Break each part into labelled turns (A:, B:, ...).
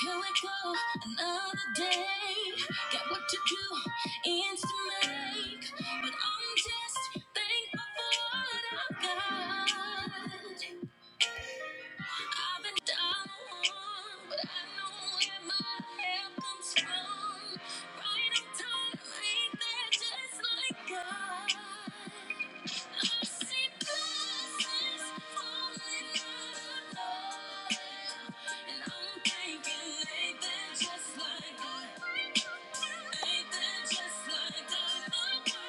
A: Here we go, another day. Got work to do, ends to make. But I'm just thankful for what I've got. I've been down, but I know where my help comes from. Right on time, ain't that just like God? I see blessings falling out of and I'm thinking, ain't that just like God? Ain't that just like God?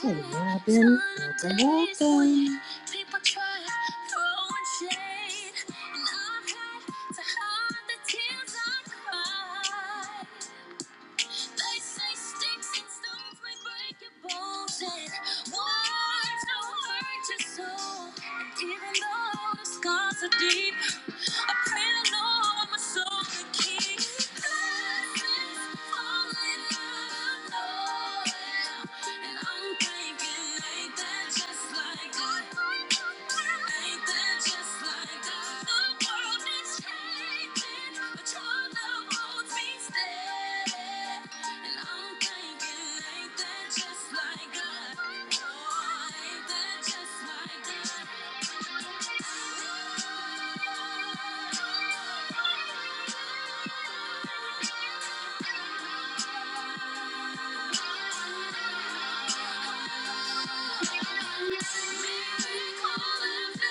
A: Hey, Robin. Welcome, welcome. People try throwing shade, and I've had to hide the tears I cried. They say sticks and stones may break your bones, and words don't hurt your soul. And even though the scars are deep, I pray the Lord my soul can keep. Blessings falling out of nowhere, and I'm just like that. Calling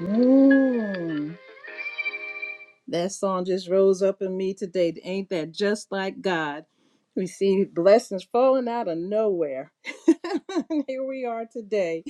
A: Mm. That song just rose up in me today. Ain't that just like God? We see blessings falling out of nowhere. Here we are today.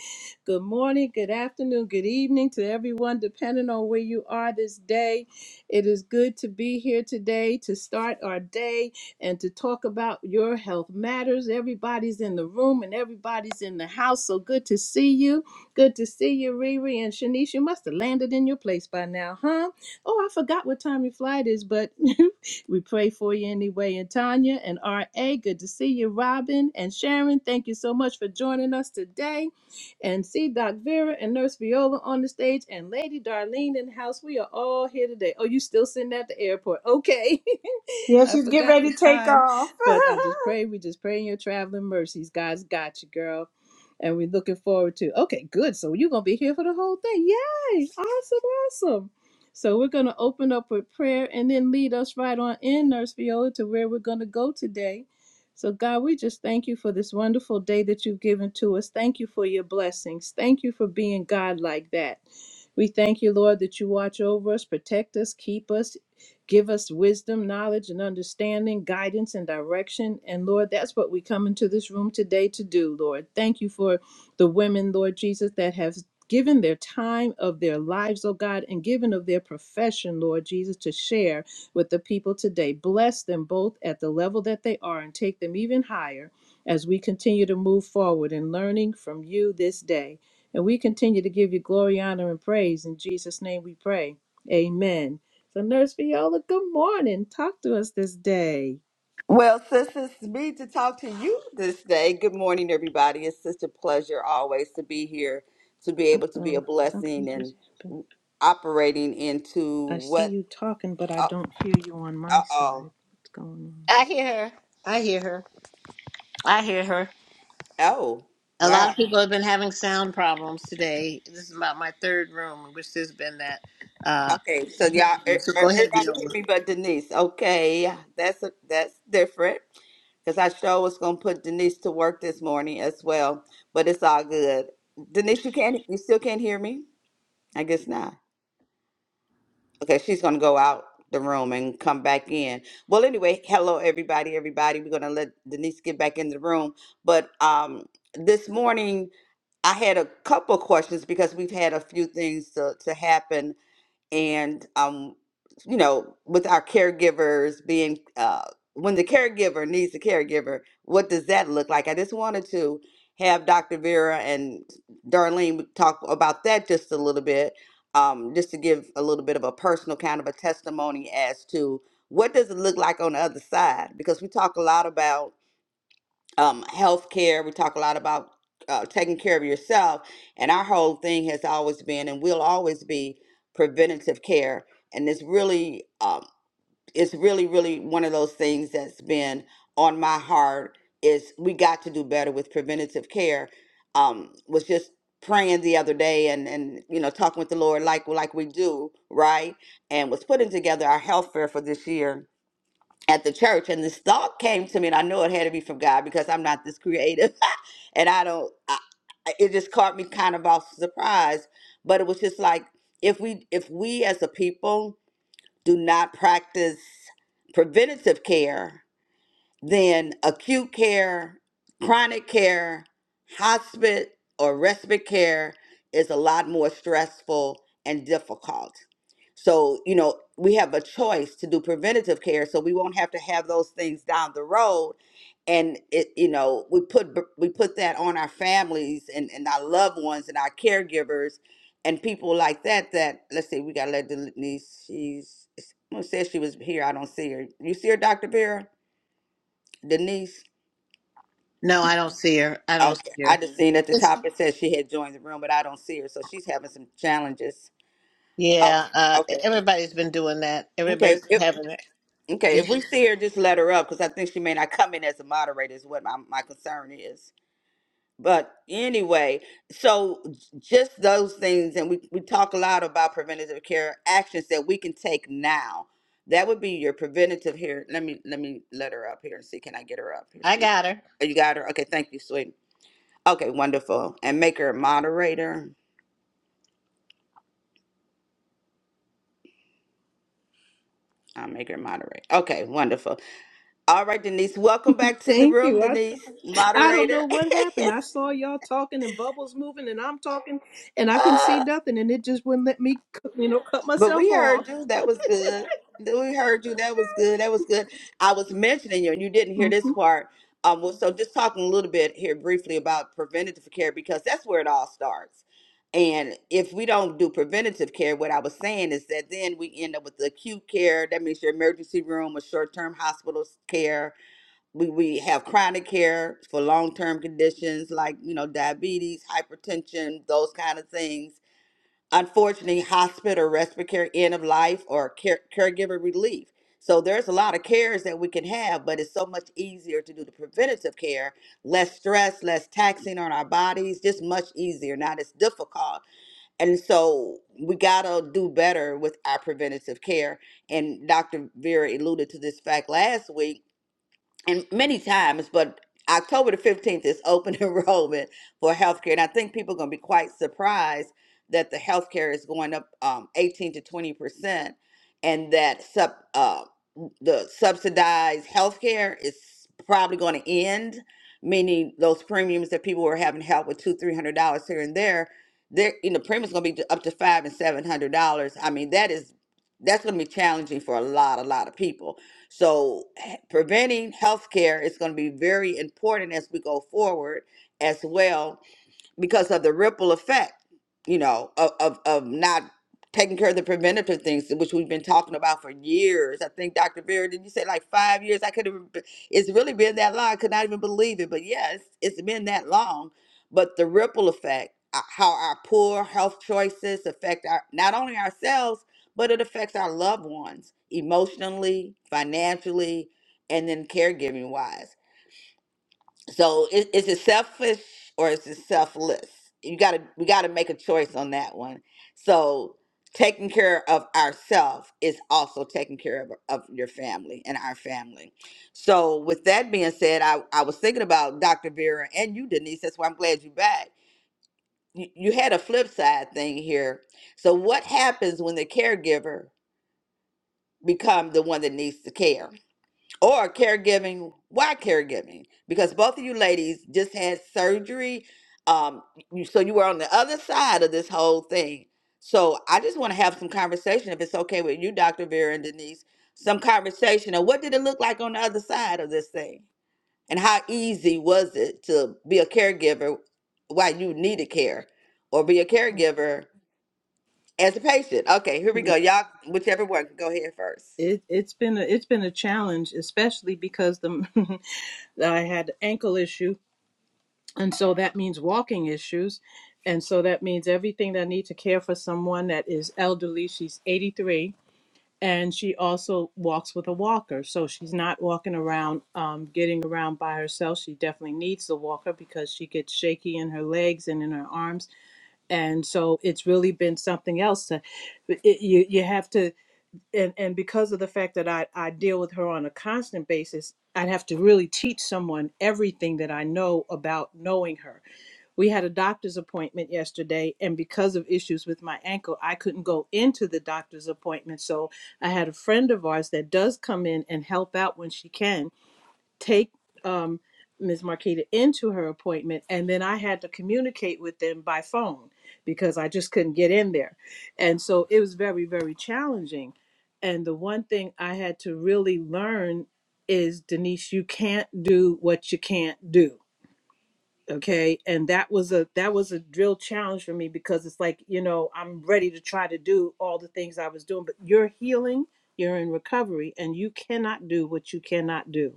A: Good morning, good afternoon, good evening to everyone, depending on where you are this day. It is good to be here today to start our day and to talk about your health matters. Everybody's in the room and everybody's in the house. So good to see you. Good to see you, Riri and Shanice. You must have landed in your place by now, huh? oh, I forgot what time your flight is, but we pray for you anyway. And Tanya and RA, good to see you. Robin and Sharon, thank you so much for joining us today. And see Doc Vera and Nurse Viola on the stage and Lady Darlene in the house. We are all here today. Oh, you still sitting at the airport. Okay.
B: Yeah,
A: I
B: she's getting
A: forgot the
B: ready to take
A: time,
B: off.
A: but I'm just praying. We just praying your traveling mercies. God's got you, girl. And we're looking forward to. Okay, good. So you're gonna be here for the whole thing. Yay! Awesome, awesome. So we're going to open up with prayer and then lead us right on in, Nurse Viola, to where we're going to go today. So, God, we just thank you for this wonderful day that you've given to us. Thank you for your blessings. Thank you for being God like that. We thank you, Lord, that you watch over us, protect us, keep us, give us wisdom, knowledge, and understanding, guidance, and direction. And Lord, that's what we come into this room today to do, Lord. Thank you for the women, Lord Jesus, that have given their time of their lives, oh God, and given of their profession, Lord Jesus, to share with the people today. Bless them both at the level that they are and take them even higher as we continue to move forward in learning from you this day. And we continue to give you glory, honor, and praise. In Jesus' name we pray. Amen. So, Nurse Viola, good morning. Talk to us this day.
C: Well, sis, it's me to talk to you this day. Good morning, everybody. It's such a pleasure always to be here, to be
A: Uh
C: able to be a
A: oh, something
C: blessing
A: just happened.
C: and operating into
A: I see
C: what.
A: you talking, but I
C: Uh
A: don't hear you on my
C: oh.
A: side. What's going on?
D: I hear her. I hear her. I hear her.
C: Oh,
D: A lot
C: wow.
D: of people have been having sound problems today. This is about my third room, which has been that. Uh,
C: Okay, so y'all, e- e-,
D: so go ahead,
C: everybody hear
D: Viola.
C: me, but Denise. Okay, that's a, that's different because I sure was gonna put Denise to work this morning as well. But it's all good. Denise, you can't, you still can't hear me? I guess not. Okay, she's gonna go out the room and come back in. Well, anyway, hello everybody, everybody. We're gonna let Denise get back in the room. But um this morning I had a couple questions because we've had a few things to, to happen and um, you know, with our caregivers being uh, when the caregiver needs a caregiver, what does that look like? I just wanted to have Dr. Vera and Darlene talk about that just a little bit, um, just to give a little bit of a personal kind of a testimony as to what does it look like on the other side, because we talk a lot about um, health care. We talk a lot about uh, taking care of yourself. And our whole thing has always been and will always be preventative care. And it's really, um, it's really, really one of those things that's been on my heart is we got to do better with preventative care. Um, was just praying the other day and, and you know talking with the Lord like like we do, right? And was putting together our health fair for this year at the church and this thought came to me and i know it had to be from god because i'm not this creative and i don't I, I- it just caught me kind of off surprise but it was just like if we if we as a people do not practice preventative care then acute care, chronic care, hospice, or respite care is a lot more stressful and difficult. So, you know, we have a choice to do preventative care so we won't have to have those things down the road. And it, you know, we put b- we put that on our families and, and our loved ones and our caregivers and people like that that let's see, we gotta let Denise she's someone said she was here. I don't see her. You see her, Dr. Vera? Denise.
D: No, I don't see her. I don't
C: Okay.
D: see
C: I
D: her.
C: just seen at the
D: It's-
C: top it says she had joined the room, but I don't see her, so she's having some challenges. Oh,
D: yeah, uh, e-,
C: okay.
D: everybody's been doing that.
C: Okay.
D: Everybody's been
C: If,
D: having that.
C: okay. If we
D: issue.
C: see her, just let her up because I think she may not come in as a moderator. Is what my, my concern is. But anyway, so j- just those things, and we we talk a lot about preventative care actions that we can take now. That would be your preventative here. Let me let me let her up here and see. Can I get her up? Here
D: I
C: she.
D: got her.
C: Oh, you got her. Okay. Thank you, sweetie. Okay, wonderful. And make her a moderator. I'll make her a moderator. Okay, wonderful. All right, Denise, welcome back to the
A: Thank
C: room,
A: you. I,
C: Denise,
A: I don't know
C: moderator.
A: what happened. I saw y'all talking and bubbles moving, and I'm talking, and I couldn't see nothing, and it just wouldn't let me, cu- you know, cut
C: But
A: myself
C: we
A: off.
C: heard you. That was good. Th- We heard you. That was good. That was good. I was mentioning you, and you didn't hear
A: hmm
C: this part. Um, well, so just talking a little bit here briefly about preventative care because that's where it all starts. And if we don't do preventative care, what I was saying is that then we end up with the acute care. That means your emergency room or short-term hospital care. We we have chronic care for long-term conditions like you know diabetes, hypertension, those kind of things unfortunately hospital respiratory care end of life or care, caregiver relief so there's a lot of cares that we can have but it's so much easier to do the preventative care less stress less taxing on our bodies just much easier not as difficult and so we gotta do better with our preventative care and dr vera alluded to this fact last week and many times, but October the 15th is open enrollment for healthcare. And I think people are going to be quite surprised that the healthcare is going up um, 18 to 20%, and that sub, uh, the subsidized healthcare is probably going to end, meaning those premiums that people were having help with two, three hundred dollars here and there, there, you know, premiums going to be up to five and seven hundred dollars. I mean, that is that's going to be challenging for a lot, a lot of people so, h- preventing healthcare is going to be very important as we go forward as well because of the ripple effect, you know, of, of, of not taking care of the preventative things, which we've been talking about for years. I think Dr. Vera, did you say like five years? I could have, it's really been that long. I could not even believe it, but yes, it's it's been that long. But the ripple effect, uh, how our poor health choices affect our, not only ourselves, but it affects our loved ones emotionally, financially, and then caregiving wise. So is, is it selfish or is it selfless? You gotta we gotta make a choice on that one. So taking care of ourselves is also taking care of, of your family and our family. So with that being said, I, I was thinking about Dr. Vera and you, Denise. That's why I'm glad you're back. You, you had a flip side thing here. So what happens when the caregiver become the one that needs the care? or caregiving. Why caregiving? Because both of you ladies just had surgery. Um, you, so you were on the other side of this whole thing. So I just want to have some conversation, if it's okay with you, Dr. Vera and Denise, some conversation of what did it look like on the other side of this thing? And how easy was it to be a caregiver while you needed care or be a caregiver as a patient? Okay, here we go. Y'all, whichever one, go ahead first.
A: It it's been a, it's been a challenge, especially because the I had ankle issue, and so that means walking issues, and so that means everything that I need to care for someone that is elderly. She's 83 and she also walks with a walker so she's not walking around um, getting around by herself she definitely needs the walker because she gets shaky in her legs and in her arms and so it's really been something else to it, you, you have to and, and because of the fact that I, I deal with her on a constant basis i'd have to really teach someone everything that i know about knowing her we had a doctor's appointment yesterday, and because of issues with my ankle, I couldn't go into the doctor's appointment. So I had a friend of ours that does come in and help out when she can take um, Ms. Marquita into her appointment. And then I had to communicate with them by phone because I just couldn't get in there. And so it was very, very challenging. And the one thing I had to really learn is Denise, you can't do what you can't do okay and that was a that was a real challenge for me because it's like you know i'm ready to try to do all the things i was doing but you're healing you're in recovery and you cannot do what you cannot do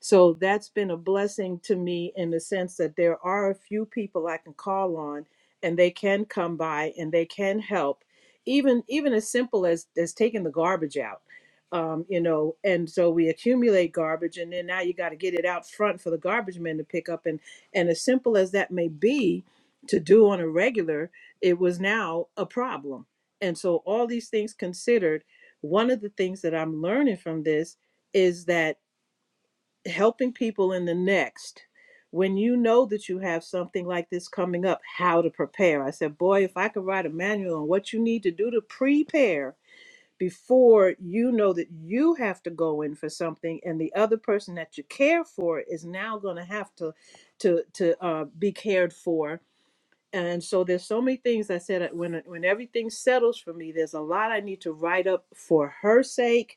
A: so that's been a blessing to me in the sense that there are a few people I can call on and they can come by and they can help. Even even as simple as as taking the garbage out. Um, you know, and so we accumulate garbage and then now you got to get it out front for the garbage men to pick up and and as simple as that may be to do on a regular, it was now a problem. And so all these things considered, one of the things that I'm learning from this is that helping people in the next when you know that you have something like this coming up how to prepare i said boy if i could write a manual on what you need to do to prepare before you know that you have to go in for something and the other person that you care for is now going to have to to to uh, be cared for and so there's so many things i said uh, when uh, when everything settles for me there's a lot i need to write up for her sake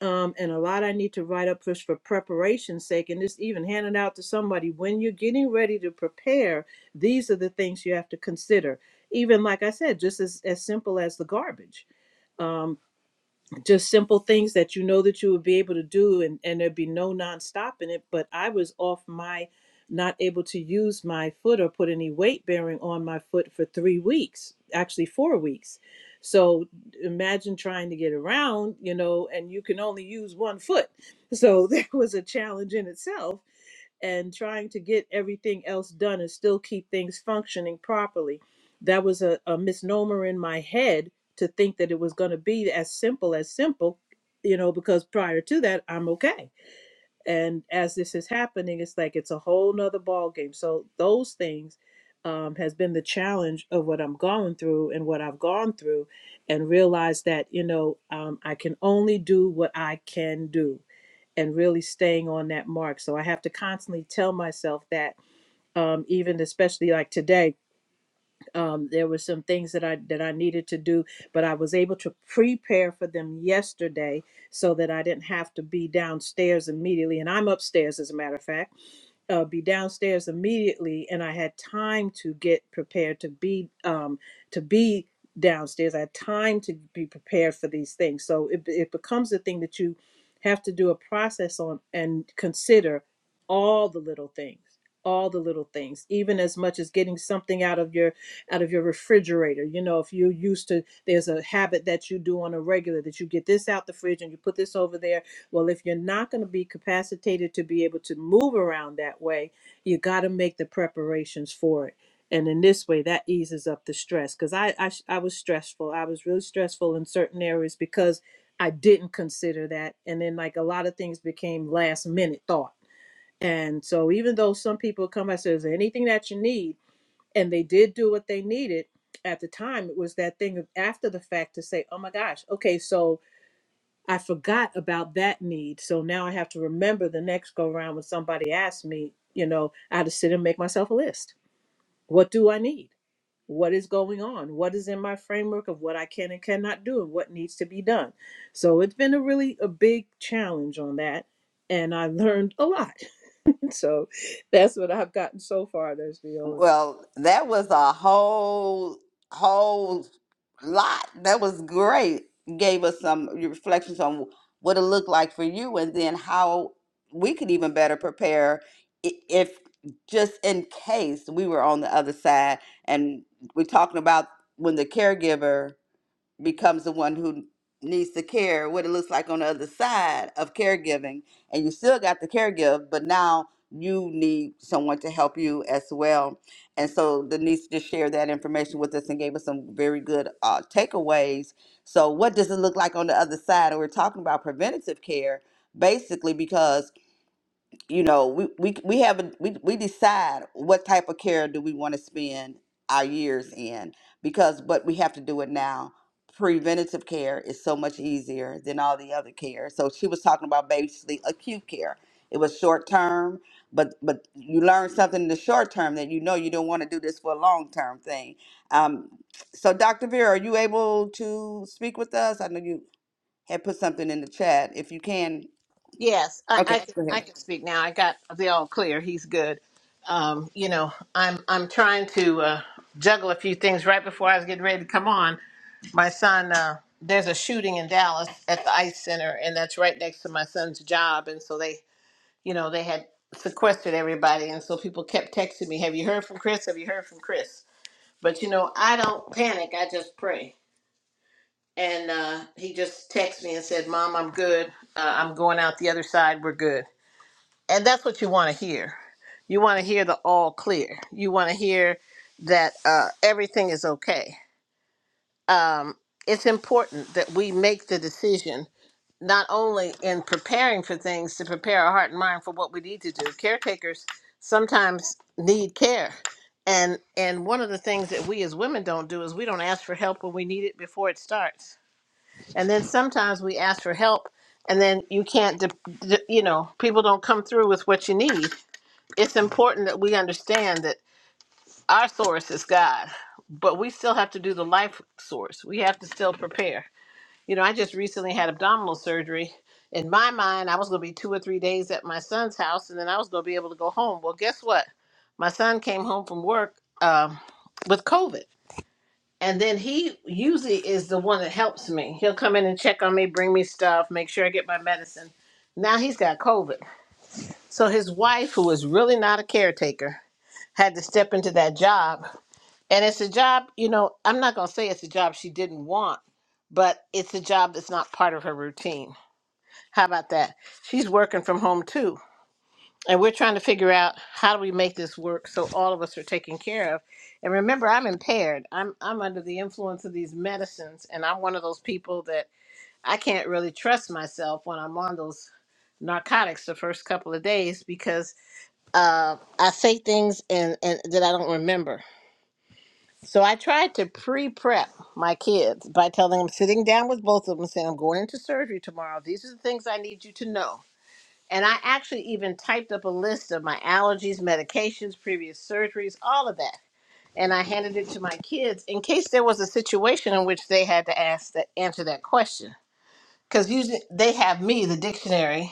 A: um, and a lot I need to write up just for preparation's sake, and just even hand it out to somebody. When you're getting ready to prepare, these are the things you have to consider. Even like I said, just as, as simple as the garbage. Um, just simple things that you know that you would be able to do and, and there'd be no non-stopping it but i was off my not able to use my foot or put any weight bearing on my foot for three weeks actually four weeks so imagine trying to get around you know and you can only use one foot so that was a challenge in itself and trying to get everything else done and still keep things functioning properly. That was a, a misnomer in my head to think that it was going to be as simple as simple, you know, because prior to that, I'm okay. And as this is happening, it's like it's a whole nother ballgame. So those things um, has been the challenge of what I'm going through and what I've gone through, and realize that you know um, I can only do what I can do and really staying on that mark. So I have to constantly tell myself that, um, even especially like today, um, there were some things that I that I needed to do, but I was able to prepare for them yesterday so that I didn't have to be downstairs immediately. And I'm upstairs, as a matter of fact uh, be downstairs immediately, and I had time to get prepared to be um, to be downstairs. I had time to be prepared for these things. So it it becomes a thing that you have to do a process on and consider all the little things, all the little things, even as much as getting something out of your out of your refrigerator. You know, if you're used to there's a habit that you do on a regular that you get this out the fridge and you put this over there well, if you're not going to be capacitated to be able to move around that way, you got to make the preparations for it. And in this way, that eases up the stress because I, I sh- I was stressful. I was really stressful in certain areas because I didn't consider that. And then like a lot of things became last minute thought. And so even though some people come I say, is there anything that you need? And they did do what they needed at the time. It was that thing of after the fact to say, oh my gosh, okay, so I forgot about that need. So now I have to remember the next go round when somebody asks me, you know, I had to sit and make myself a list. What do I need? What is going on? What is in my framework of what I can and cannot do and what needs to be done? So it's been a really a big challenge on that. And I learned a lot. So that's what I've gotten so far, there's Viola.
C: Well, that was a whole whole lot. That was great. Gave us some reflections on what it looked like for you and then how we could even better prepare i- if just in case we were on the other side and we're talking about when the caregiver becomes the one who needs to care what it looks like on the other side of caregiving and you still got the caregive but now you need someone to help you as well and so denise just shared that information with us and gave us some very good uh, takeaways so what does it look like on the other side and we're talking about preventative care basically because you know we we we have a, we we decide what type of care do we want to spend our years in because but we have to do it now preventative care is so much easier than all the other care so she was talking about basically acute care it was short term but but you learn something in the short term that you know you don't want to do this for a long term thing um so dr vera are you able to speak with us i know you had put something in the chat if you can
D: Yes, I,
C: okay
D: I can-
C: go ahead
D: I can speak now. I got the all clear. He's good. Um, you know, I'm I'm trying to uh, juggle a few things right before I was getting ready to come on My son, uh, there's a shooting in Dallas at the ICE Center, and that's right next to my son's job. And so they, you know, they had sequestered everybody. And so people kept texting me, Have you heard from Chris? Have you heard from Chris? But, you know, I don't panic, I just pray. And uh, he just texted me and said, Mom, I'm good. Uh, I'm going out the other side. We're good. And that's what you want to hear. You want to hear the all clear. You want to hear that uh, everything is okay. Um, it's important that we make the decision not only in preparing for things to prepare our heart and mind for what we need to do caretakers sometimes need care and and one of the things that we as women don't do is we don't ask for help when we need it before it starts and then sometimes we ask for help and then you can't de- de- you know people don't come through with what you need it's important that we understand that our source is god but we still have to do the life source we have to still prepare you know, I just recently had abdominal surgery. In my mind, I was going to be two or three days at my son's house, and then I was going to be able to go home. Well, guess what? My son came home from work um, with COVID, and then he usually is the one that helps me. He'll come in and check on me, bring me stuff, make sure I get my medicine. Now he's got COVID, so his wife, who is really not a caretaker, had to step into that job, and it's a job. You know, I'm not going to say it's a job she didn't want, but it's a job that's not part of her routine. How about that? She's working from home too. And we're trying to figure out how do we make this work so all of us are taken care of. And remember, I'm impaired. I'm I'm under the influence of these medicines and I'm one of those people that I can't really trust myself when I'm on those narcotics the first couple of days because uh, I say things and, and that I don't remember. So I tried to pre-prep my kids by telling them sitting down with both of them saying I'm going into surgery tomorrow. These are the things I need you to know and I actually even typed up a list of my allergies, medications, previous surgeries, all of that. And I handed it to my kids in case there was a situation in which they had to ask that answer that question. Because usually they have me, the dictionary,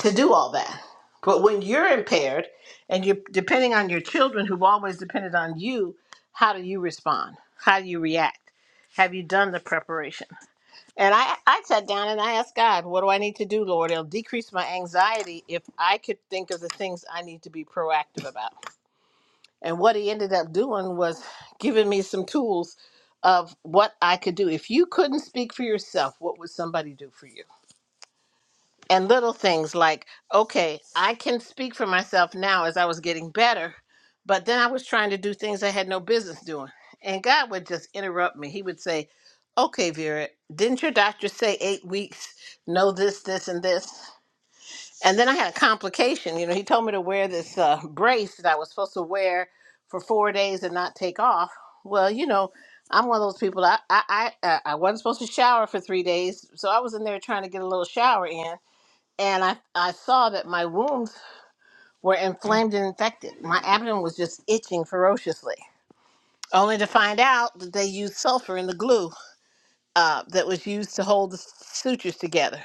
D: to do all that. But when you're impaired and you're depending on your children who've always depended on you, how do you respond? How do you react? Have you done the preparation? And I, I sat down and I asked God, what do I need to do, Lord? It'll decrease my anxiety if I could think of the things I need to be proactive about. And what he ended up doing was giving me some tools of what I could do. If you couldn't speak for yourself, what would somebody do for you? and little things like okay i can speak for myself now as i was getting better but then i was trying to do things i had no business doing and god would just interrupt me he would say okay vera didn't your doctor say eight weeks no this this and this and then i had a complication you know he told me to wear this uh, brace that i was supposed to wear for four days and not take off well you know i'm one of those people i i i, uh, I wasn't supposed to shower for three days so i was in there trying to get a little shower in and I, I saw that my wounds were inflamed and infected. My abdomen was just itching ferociously, only to find out that they used sulfur in the glue uh, that was used to hold the sutures together.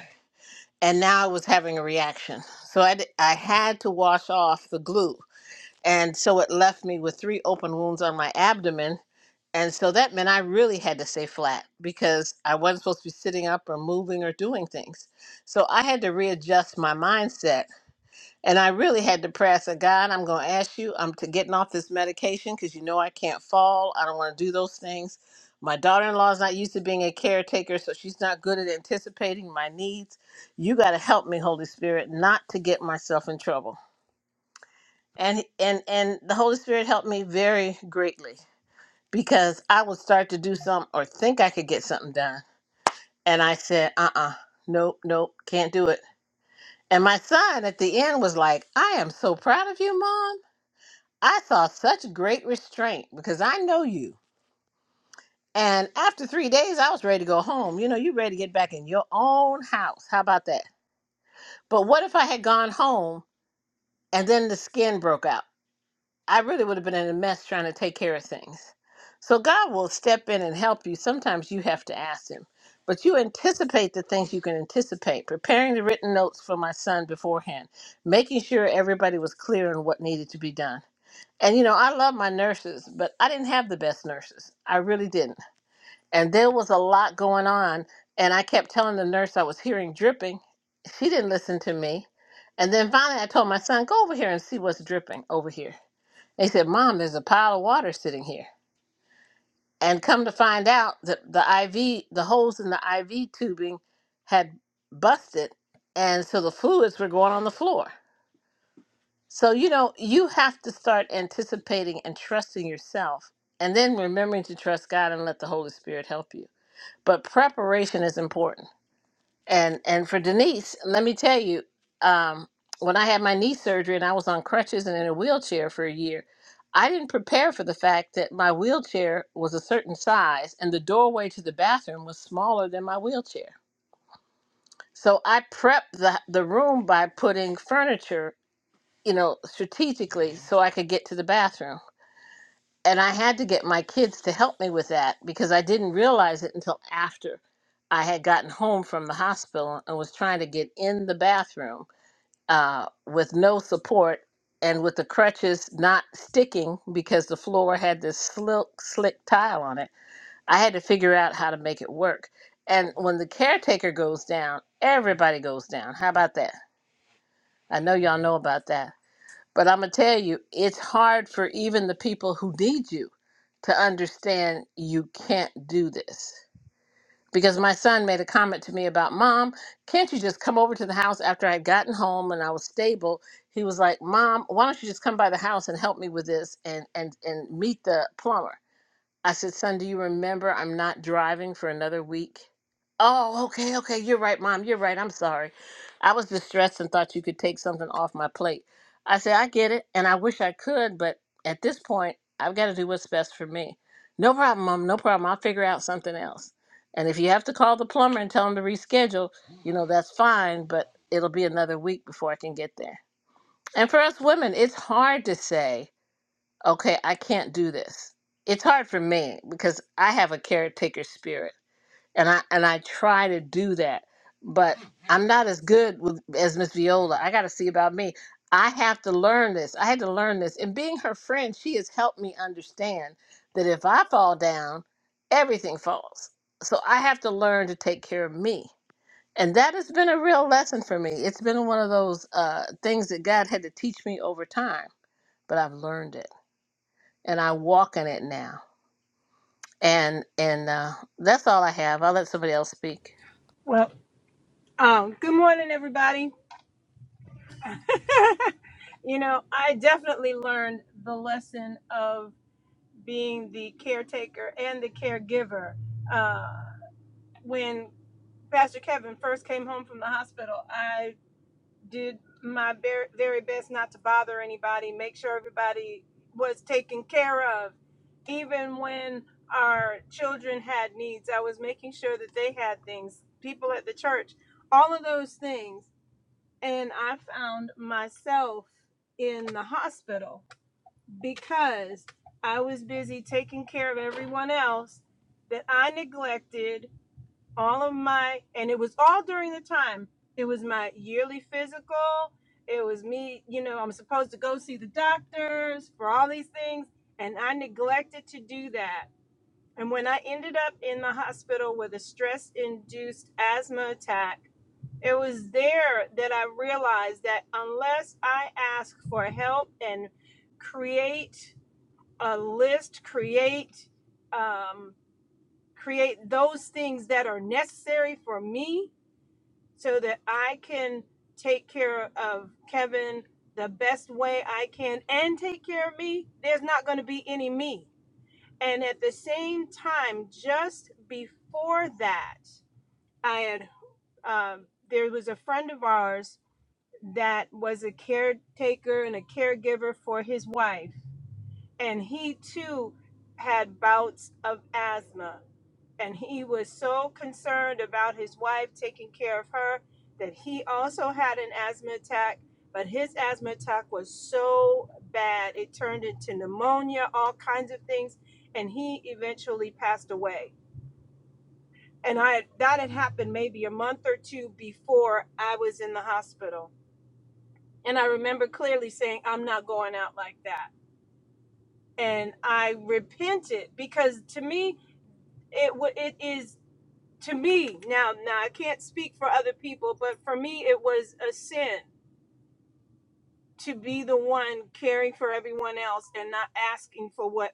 D: And now I was having a reaction. So I, d- I had to wash off the glue. And so it left me with three open wounds on my abdomen. And so that meant I really had to stay flat because I wasn't supposed to be sitting up or moving or doing things. So I had to readjust my mindset And I really had to pray. I said, God, I'm going to ask you. I'm to getting off this medication because you know I can't fall. I don't want to do those things. My daughter in law is not used to being a caretaker, so she's not good at anticipating my needs. You got to help me, Holy Spirit, not to get myself in trouble. And and and the Holy Spirit helped me very greatly because I would start to do something or think I could get something done, and I said, uh-uh, nope, nope, can't do it. And my son at the end was like, I am so proud of you, Mom. I saw such great restraint because I know you. And after three days, I was ready to go home. You know, you ready to get back in your own house. How about that? But what if I had gone home and then the skin broke out? I really would have been in a mess trying to take care of things. So God will step in and help you. Sometimes you have to ask Him, but you anticipate the things you can anticipate. Preparing the written notes for my son beforehand, making sure everybody was clear on what needed to be done And you know, I love my nurses, but I didn't have the best nurses. I really didn't. And there was a lot going on. And I kept telling the nurse I was hearing dripping. She didn't listen to me. And then finally, I told my son, go over here and see what's dripping over here. And he said, Mom, there's a pile of water sitting here. And come to find out that the IV, the holes in the IV tubing had busted. And so the fluids were going on the floor. So, you know, you have to start anticipating and trusting yourself and then remembering to trust God and let the Holy Spirit help you. But preparation is important. And and for Denise, let me tell you, um, when I had my knee surgery and I was on crutches and in a wheelchair for a year, I didn't prepare for the fact that my wheelchair was a certain size and the doorway to the bathroom was smaller than my wheelchair. So I prepped the, the room by putting furniture you know, strategically so I could get to the bathroom. And I had to get my kids to help me with that because I didn't realize it until after I had gotten home from the hospital and was trying to get in the bathroom uh, with no support and with the crutches not sticking because the floor had this slick, slick tile on it. I had to figure out how to make it work. And when the caretaker goes down, everybody goes down. How about that? I know y'all know about that but I'm going to tell you, it's hard for even the people who need you to understand you can't do this. Because my son made a comment to me about, Mom, can't you just come over to the house after I would gotten home and I was stable? He was like, Mom, why don't you just come by the house and help me with this and, and, and meet the plumber? I said, Son, do you remember I'm not driving for another week? Oh, okay, okay. You're right, Mom. You're right. I'm sorry. I was distressed and thought you could take something off my plate. I said, I get it, and I wish I could, but at this point, I've got to do what's best for me. No problem, Mom. No problem. I'll figure out something else. And if you have to call the plumber and tell him to reschedule, you know, that's fine, but it'll be another week before I can get there. And for us women, it's hard to say okay, I can't do this. It's hard for me because I have a caretaker spirit and I and I try to do that, but I'm not as good with, as Miss Viola. I got to see about me. I have to learn this. I had to learn this. And being her friend, she has helped me understand that if I fall down, everything falls. So I have to learn to take care of me. And that has been a real lesson for me. It's been one of those uh, things that God had to teach me over time, but I've learned it and I walk in it now. And and uh, that's all I have. I'll let somebody else speak.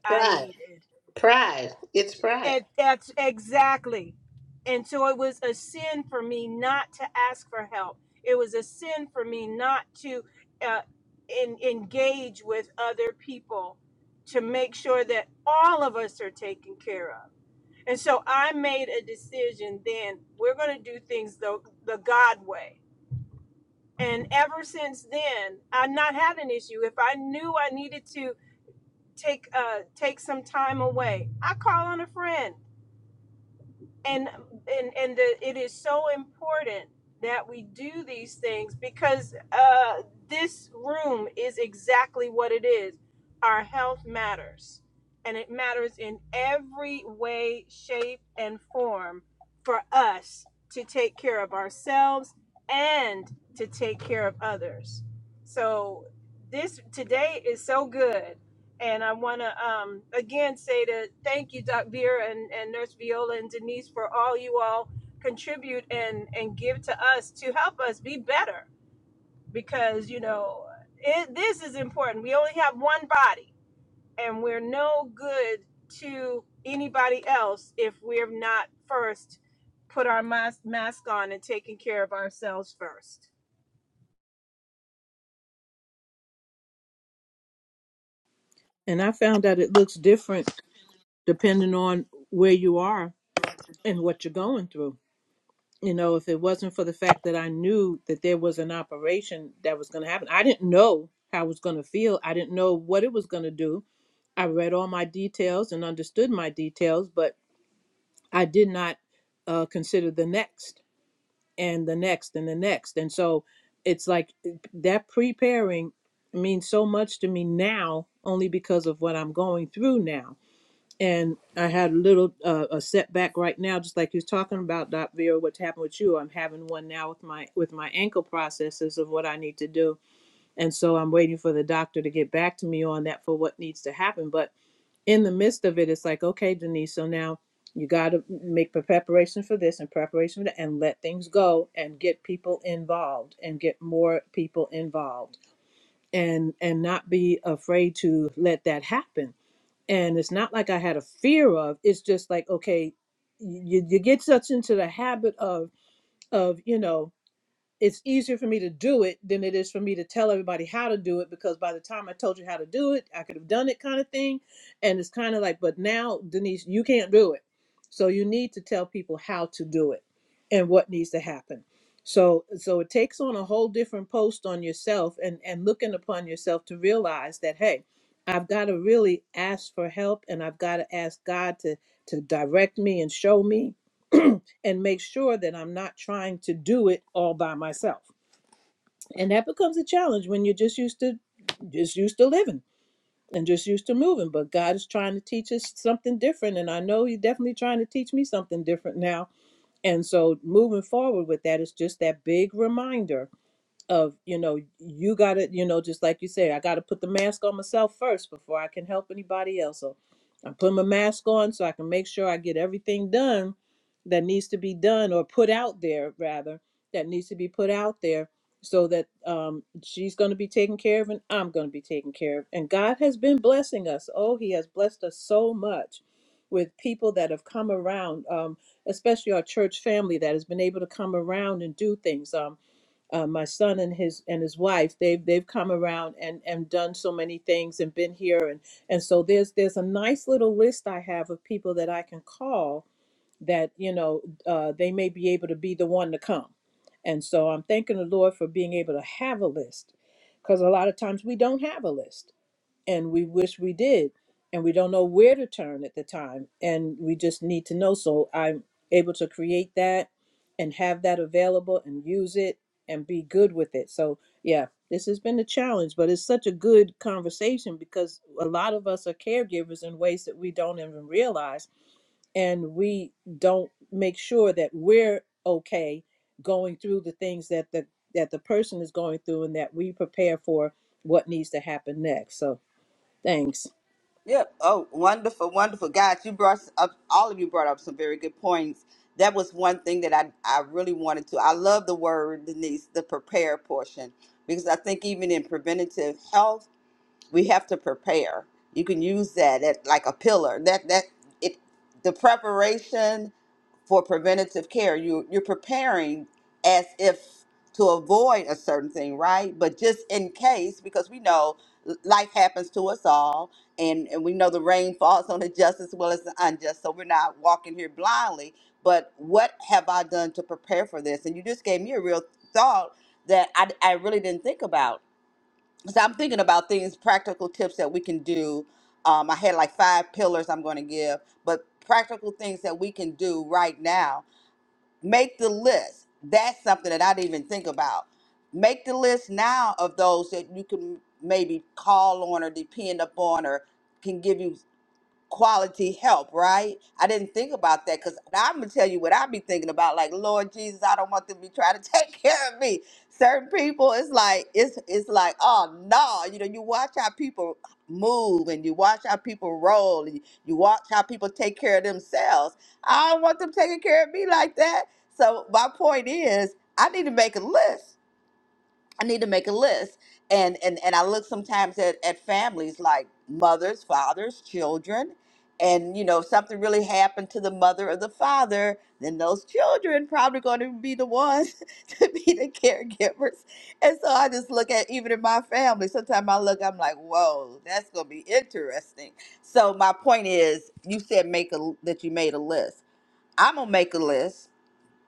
D: Pride. Pride. It's pride.
A: And I found out it looks different depending on where you are and what you're going through you know, if it wasn't for the fact that I knew that there was an operation that was going to happen, I didn't know how I was going to feel. I didn't know what it was going to do. I read all my details and understood my details, but I did not uh, consider the next and the next and the next. And so it's like that preparing means so much to me now only because of what I'm going through now and I had a little uh, a setback right now, just like you're talking about, Doc Vera. What's happened with you? I'm having one now with my with my ankle processes of what I need to do, and so I'm waiting for the doctor to get back to me on that for what needs to happen. But in the midst of it, it's like, okay, Denise, so now you got to make pre- preparation for this and preparation for that, and let things go and get people involved and get more people involved and and not be afraid to let that happen and it's not like I had a fear of. It's just like okay, you you get such into the habit of of you know it's easier for me to do it than it is for me to tell everybody how to do it because by the time I told you how to do it, I could have done it kind of thing. And it's kind of like, but now, Denise, you can't do it. So you need to tell people how to do it and what needs to happen. So so it takes on a whole different post on yourself and and looking upon yourself to realize that hey, I've got to really ask for help and I've got to ask God to to direct me and show me and make sure that I'm not trying to do it all by myself and that becomes a challenge when you're just used to just used to living and just used to moving but god is trying to teach us something different and i know he's definitely trying to teach me something different now and so moving forward with that is just that big reminder of you know you gotta you know just like you say i gotta put the mask on myself first before i can help anybody else so i'm putting my mask on so i can make sure i get everything done that needs to be done or put out there rather that needs to be put out there so that um, she's going to be taken care of and i'm going to be taken care of and god has been blessing us oh he has blessed us so much with people that have come around um, especially our church family that has been able to come around and do things. Um, uh, my son and his and his wife they've they've come around and and done so many things and been here and and so there's there's a nice little list i have of people that i can call that you know uh, they may be able to be the one to come and so i'm thanking the lord for being able to have a list because a lot of times we don't have a list and we wish we did and we don't know where to turn at the time and we just need to know so i'm able to create that and have that available and use it and be good with it so yeah this has been a challenge but it's such a good conversation because a lot of us are caregivers in ways that we don't even realize and we don't make sure that we're okay going through the things that the that the person is going through and that we prepare for what needs to happen next So. Thanks.
C: Yep. Oh, wonderful, wonderful. God, you brought up, all of you brought up some very good points. That was one thing that I, I really wanted to. I love the word, Denise, the prepare portion, because I think even in preventative health, we have to prepare. You can use that at, like a pillar. That, that, it, the preparation for preventative care. You you're preparing as if to avoid a certain thing, right? But just in case, because we know l- life happens to us all, and, and we know the rain falls on the just as well as the unjust. So we're not walking here blindly. But what have I done to prepare for this? And you just gave me a real thought that I, I really didn't think about. So I'm thinking about things, practical tips that we can do. Um, I had like five pillars I'm going to give, but practical things that we can do right now make the list. That's something that I didn't even think about. Make the list now of those that you can maybe call on or depend upon or can give you quality help, right? I didn't think about that because I'm gonna tell you what I be thinking about. Like, Lord Jesus, I don't want them to be trying to take care of me. Certain people, it's like it's it's like, oh no, you know, you watch how people move and you watch how people roll and you watch how people take care of themselves. I don't want them taking care of me like that. So my point is, I need to make a list. I need to make a list. And and and I look sometimes at, at families like mothers, fathers, children, and you know, if something really happened to the mother or the father, then those children probably gonna be the ones to be the caregivers. And so I just look at even in my family, sometimes I look, I'm like, whoa, that's gonna be interesting. So my point is you said make a that you made a list. I'm gonna make a list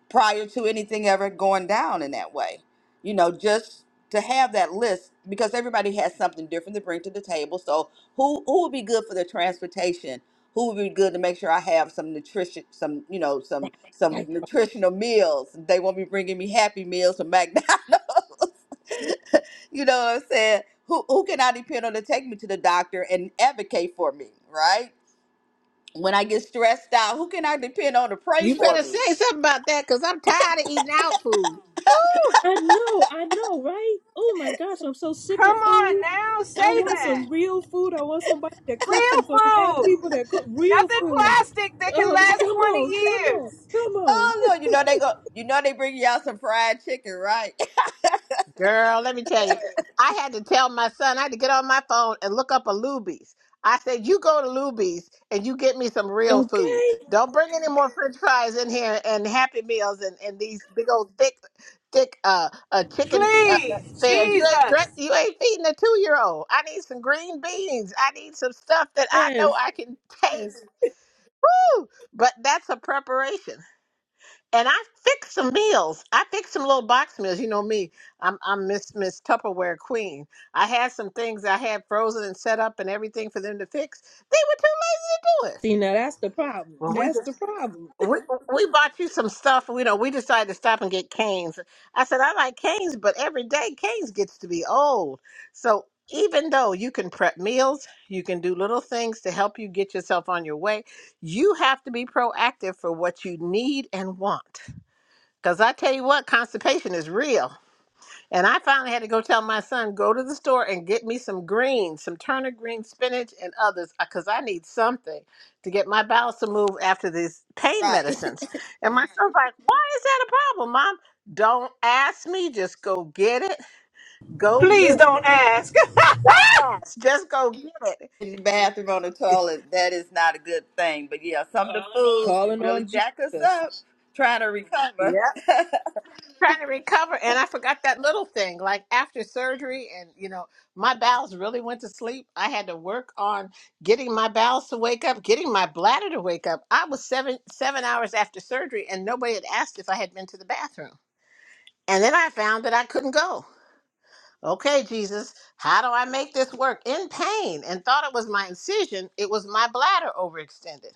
C: prior to anything ever going down in that way. You know, just to have that list because everybody has something different to bring to the table. So who who would be good for the transportation? Who would be good to make sure I have some nutrition, some you know, some some
A: I
C: nutritional meals? They won't be bringing me Happy Meals from McDonald's. you know what I'm saying? Who who can I depend on to take me to the doctor and advocate for me? Right? When I get stressed out, who can I depend on to pray
D: You
C: for
D: better
C: me?
D: say something about that because I'm tired of eating out food. Ooh.
A: I know, I know, right? Oh my gosh, I'm so sick of food. I want some real food. I want somebody that cooks, and so I have people that cook real food. Oh, come on, come on, come on.
C: Oh Lord, you know they go. You know they bring you out some fried chicken, right?
D: Girl, let me tell you, I had to tell my son, I had to get on my phone and look up a Luby's. I said, You go to Luby's and you get me some real food.
A: Okay,
D: Don't bring any more french fries in here and Happy Meals and, and these big old thick, thick uh, uh chicken uh, uh, fairs. You ain't, drink- you ain't feeding a two year old. I need some green beans. I need some stuff that I know
A: yes,
D: I can take.
A: yes.
D: Woo! But that's a preparation and I fix some meals. I fix some little box meals. You know me. I'm I'm Miss Miss Tupperware Queen. I had some things I had frozen and set up and everything for them to fix. They were too lazy to do
A: See,
D: it.
A: now that's the problem.
D: Well, we
A: That's
D: just
A: the problem.
D: we we bought you some stuff. You know, we decided to stop and get canes. I said I like canes, but every day canes gets to be old. So even though you can prep meals, you can do little things to help you get yourself on your way. You have to be proactive for what you need and want because I tell you what, constipation is real. And I finally had to go tell my son, go to the store and get me some greens, some turnip green spinach and others, because I need something to get my bowels to move after these pain
C: right.
D: medicines. And my son's like, why is that a problem, mom? Don't ask me, just go get it. Go get it. Don't ask, just go get it.
C: In the bathroom on the toilet, that is not a good thing. But yeah, some of the foods can
A: Calling on
C: really jack us
A: Jesus.
C: up trying to recover.
D: Yep. trying to recover and I forgot that little thing. Like after surgery and you know, my bowels really went to sleep. I had to work on getting my bowels to wake up, getting my bladder to wake up. I was seven seven hours after surgery and nobody had asked if I had been to the bathroom. And then I found that I couldn't go. Okay, Jesus, how do I make this work? In pain and thought it was my incision, it was my bladder overextended.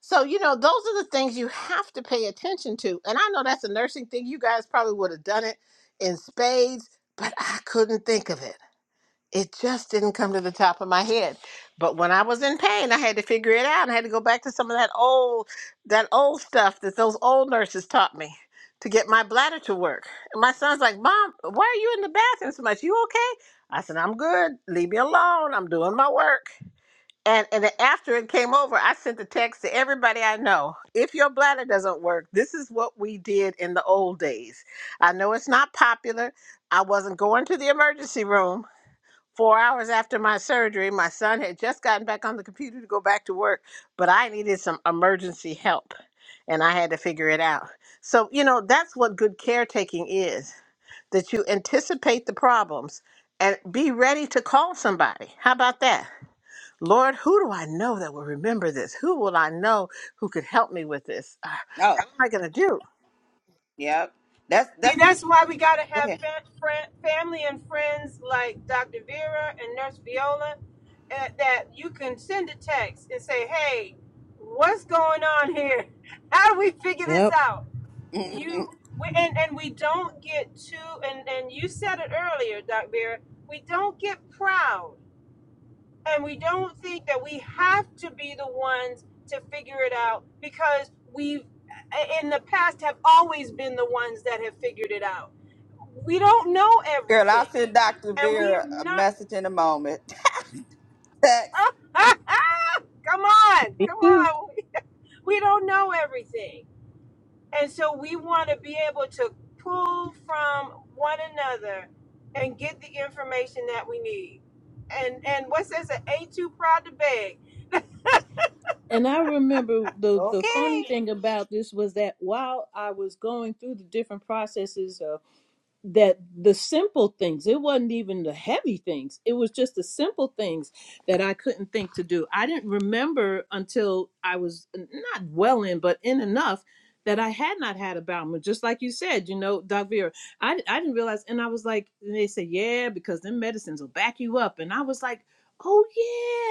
D: So, you know, those are the things you have to pay attention to. And I know that's a nursing thing. You guys probably would have done it in spades, but I couldn't think of it. It just didn't come to the top of my head. But when I was in pain, I had to figure it out. I had to go back to some of that old that old stuff that those old nurses taught me to get my bladder to work. And my son's like, Mom, why are you in the bathroom so much? You okay? I said, I'm good. Leave me alone. I'm doing my work. And and then after it came over, I sent a text to everybody I know. If your bladder doesn't work, this is what we did in the old days. I know it's not popular. I wasn't going to the emergency room. Four hours after my surgery, my son had just gotten back on the computer to go back to work, but I needed some emergency help and I had to figure it out. So, you know, that's what good caretaking is that you anticipate the problems and be ready to call somebody. How about that? Lord, who do I know that will remember this? Who will I know who could help me with this? Ah,
C: oh,
D: What am I going to do?
C: yep. That's that's. Okay.
A: Yep.
C: Mhm. Girl, I'll send Doctor Vera a message in a moment.
A: Too. And I remember the the funny
D: Okay.
A: thing about this was that while I was going through the different processes of that the simple things it wasn't even the heavy things it was just the simple things that i couldn't think to do i didn't remember until i was not well in but in enough that i had not had a bowel movement. just like you said you know doc vera I, I didn't realize and i was like and they said yeah because them medicines will back you up and i was like oh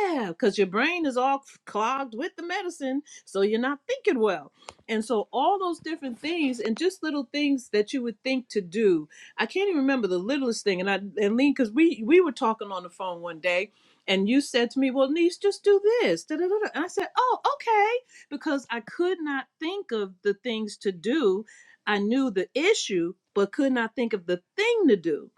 A: yeah because your brain is all clogged with the medicine so you're not thinking well and so all those different things and just little things that you would think to do I can't even remember the littlest thing. And I and Lean, because we we were talking on the phone one day, and you said to me, "Well, niece, just do this." da, da, da, da." And I said, "Oh, okay," because I could not think of the things to do. I knew the issue, but could not think of the thing to do.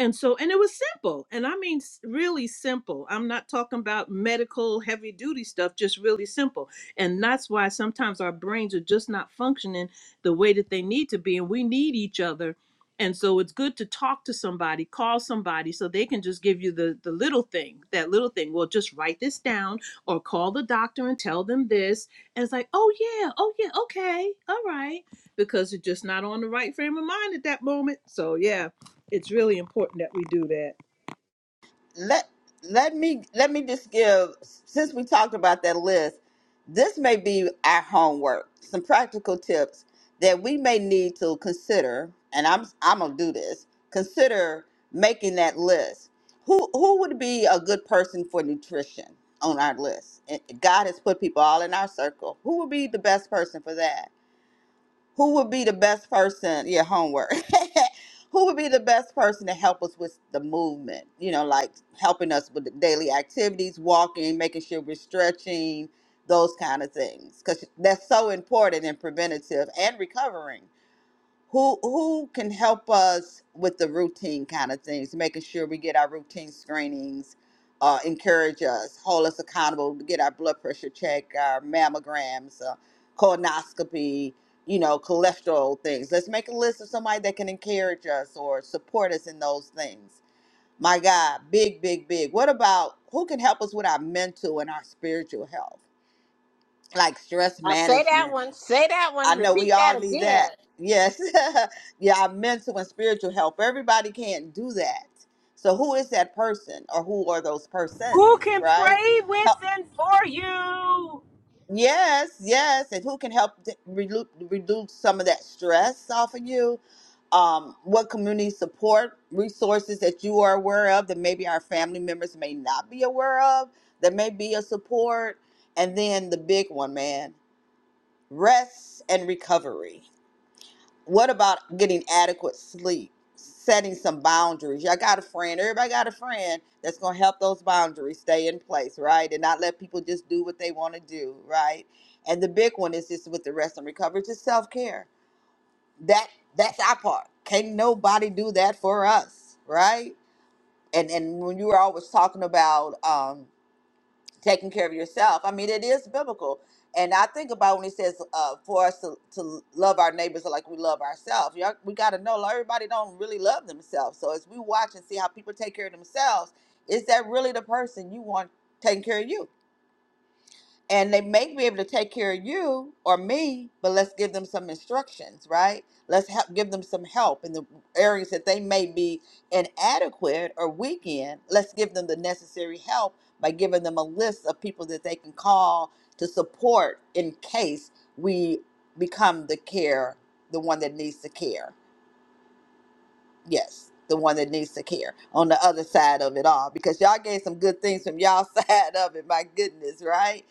A: And so, and it was simple. And I mean, s- really simple. I'm not talking about medical heavy duty stuff, just really simple. And that's why sometimes our brains are just not functioning the way that they need to be. And we need each other and so it's good to talk to somebody, call somebody so they can just give you the the little thing, that little thing. Well, just write this down or call the doctor and tell them this. And it's like, "Oh yeah, oh yeah, okay. All right." Because you're just not on the right frame of mind at that moment. So, yeah it's really important that we do that.
C: let let me let me just give since we talked about that list this may be our homework some practical tips that we may need to consider and i'm i'm gonna do this consider making that list who who would be a good person for nutrition on our list And god has put people all in our circle who would be the best person for that who would be the best person yeah homework who would be the best person to help us with the movement you know like helping us with the daily activities walking making sure we're stretching those kind of things because that's so important in preventative and recovering who who can help us with the routine kind of things making sure we get our routine screenings uh, encourage us hold us accountable to get our blood pressure checked our mammograms uh, colonoscopy you know cholesterol things let's make a list of somebody that can encourage us or support us in those things my god big big big what about who can help us with our mental and our spiritual health like stress
D: Now say
C: management
D: that one. Say that
C: I
D: one.
C: know
D: Repeat
C: we all
D: that
C: need
D: again.
C: that. Yes. yeah, our mental and spiritual help. Everybody can't do that. So who is that person or who are those persons, right? Help. Yes, yes. And who can help d- relu- reduce some of that stress off of you? Um, what community support resources that you are aware of that maybe our family members may not be aware of that may be a support? And then the big one, man, rest and recovery What about getting adequate sleep? Setting some boundaries. Y'all got a friend. Everybody got a friend that's going to help those boundaries stay in place, right? And not let people just do what they want to do, right? And the big one is just with the rest and recovery, just self care. That that's our part. Can't nobody do that for us, right? And and when you were always talking about um taking care of yourself. I mean, it is biblical. And I think about when he says uh, for us to, to love our neighbors like we love ourselves. Y'all, we got to know like, everybody don't really love themselves. So as we watch and see how people take care of themselves, is that really the person you want taking care of you? and they may be able to take care of you or me but let's give them some instructions right let's help give them some help in the areas that they may be inadequate or weak in let's give them the necessary help by giving them a list of people that they can call to support in case we become the care the one that needs to care yes the one that needs to care on the other side of it all because y'all gave some good things from y'all side of it my goodness right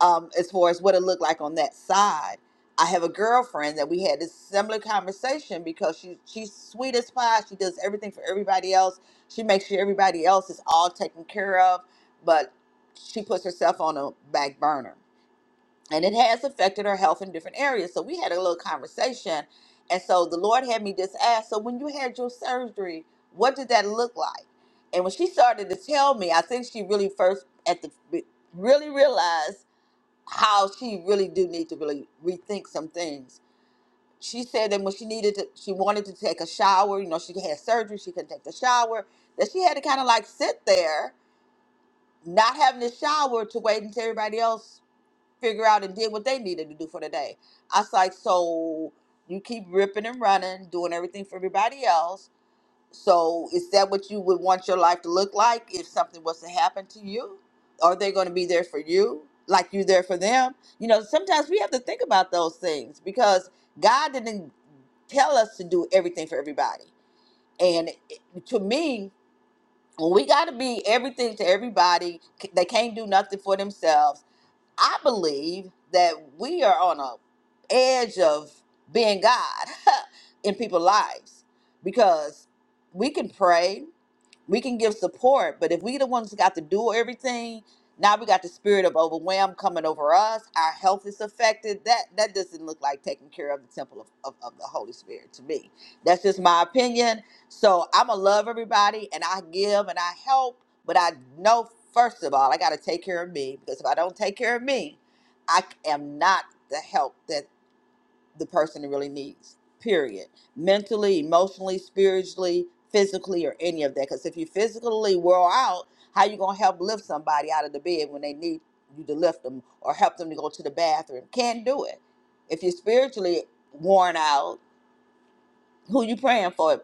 C: um, as far as what it looked like on that side. I have a girlfriend that we had this similar conversation because she she's sweet as pie. She does everything for everybody else. She makes sure everybody else is all taken care of, but she puts herself on a back burner. And it has affected her health in different areas. So we had a little conversation. And so the Lord had me just ask, so when you had your surgery, what did that look like? And when she started to tell me, I think she really first at the really realized how she really do need to really rethink some things. She said that when she needed to, she wanted to take a shower. You know, she had surgery, she couldn't take the shower. That she had to kind of like sit there, not having a shower, to wait until everybody else figure out and did what they needed to do for the day. I was like, so you keep ripping and running, doing everything for everybody else so, is that what you would want your life to look like if something was to happen to you? Are they going to be there for you like you're there for them? You know, sometimes we have to think about those things because God didn't tell us to do everything for everybody. And it- to me, when we got to be everything to everybody, c- they can't do nothing for themselves. I believe that we are on a edge of being God in people's lives because we can pray we can give support, but if we the ones that got to do everything, now we got the spirit of overwhelm coming over us. Our health is affected. That that doesn't look like taking care of the temple of, of, of the Holy Spirit to me. That's just my opinion. So I'ma love everybody and I give and I help, but I know first of all I gotta take care of me because if I don't take care of me, I am not the help that the person really needs period mentally emotionally spiritually physically or any of that because if you physically wore out how you gonna help lift somebody out of the bed when they need you to lift them or help them to go to the bathroom can't do it if you're spiritually worn out who you praying for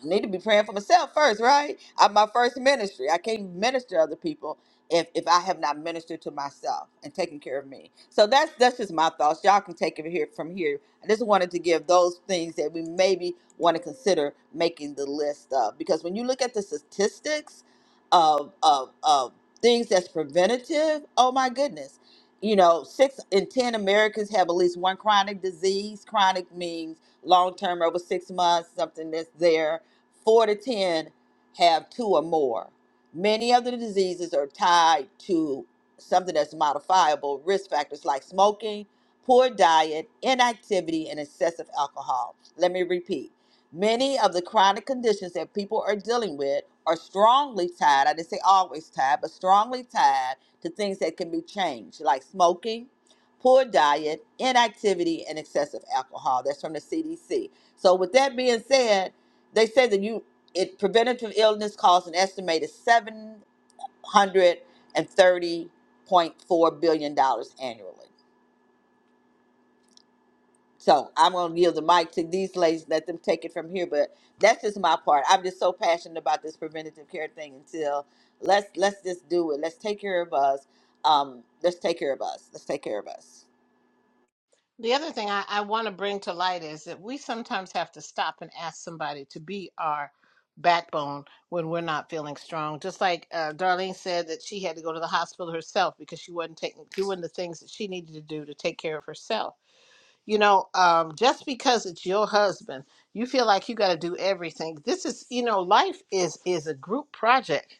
C: I need to be praying for myself first, right? I'm my first ministry. I can't minister to other people if, if I have not ministered to myself and taken care of me. So that's that's just my thoughts. Y'all can take it here from here. I just wanted to give those things that we maybe want to consider making the list of because when you look at the statistics of of of things that's preventative, oh my goodness. You know, six in ten Americans have at least one chronic disease. Chronic means long term over six months, something that's there Four to 10 have two or more. Many of the diseases are tied to something that's modifiable risk factors like smoking, poor diet, inactivity, and excessive alcohol. Let me repeat. Many of the chronic conditions that people are dealing with are strongly tied, I didn't say always tied, but strongly tied to things that can be changed, like smoking, poor diet, inactivity, and excessive alcohol. That's from the CDC. So, with that being said, they said that you it preventative illness costs an estimated seven hundred and thirty point four billion dollars annually. So I'm gonna yield the mic to these ladies, let them take it from here. But that's just my part. I'm just so passionate about this preventative care thing until let's let's just do it. Let's take care of us. Um, let's take care of us. Let's take care of us.
D: The other thing I, I want to bring to light is that we sometimes have to stop and ask somebody to be our backbone when we're not feeling strong. Just like uh, Darlene said that she had to go to the hospital herself because she wasn't taking doing the things that she needed to do to take care of herself you know um, just because it's your husband you feel like you got to do everything this is you know life is is a group project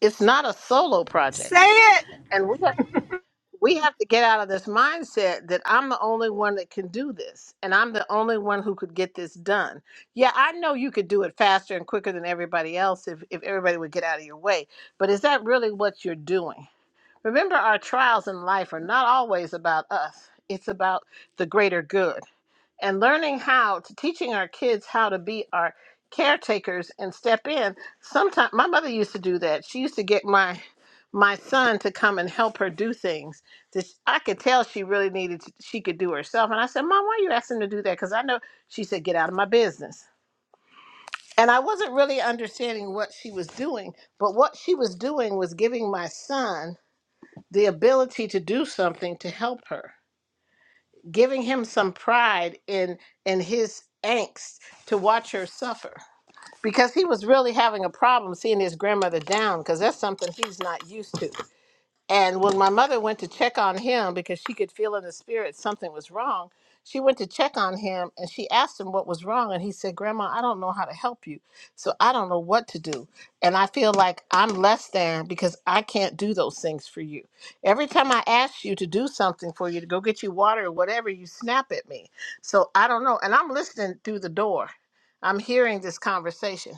D: it's not a solo project and we have, we have to get out of this mindset that i'm the only one that can do this and i'm the only one who could get this done yeah i know you could do it faster and quicker than everybody else if, if everybody would get out of your way but is that really what you're doing remember our trials in life are not always about us it's about the greater good and learning how to teaching our kids how to be our caretakers and step in sometimes my mother used to do that she used to get my my son to come and help her do things that sh- i could tell she really needed to, she could do herself and i said mom why are you asking him to do that because i know she said get out of my business and i wasn't really understanding what she was doing but what she was doing was giving my son the ability to do something to help her giving him some pride in in his angst to watch her suffer because he was really having a problem seeing his grandmother down because that's something he's not used to and when my mother went to check on him because she could feel in the spirit something was wrong, she went to check on him and she asked him what was wrong. And he said, Grandma, I don't know how to help you. So I don't know what to do. And I feel like I'm less than because I can't do those things for you. Every time I ask you to do something for you, to go get you water or whatever, you snap at me. So I don't know. And I'm listening through the door, I'm hearing this conversation.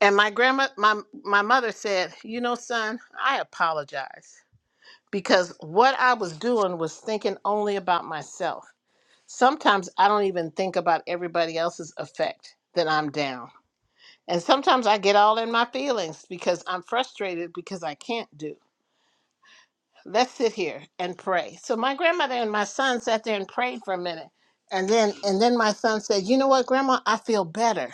D: And my grandma, my, my mother said, You know, son, I apologize because what I was doing was thinking only about myself. Sometimes I don't even think about everybody else's effect that I'm down. And sometimes I get all in my feelings because I'm frustrated because I can't do. Let's sit here and pray. So my grandmother and my son sat there and prayed for a minute. And then and then my son said, "You know what, grandma? I feel better."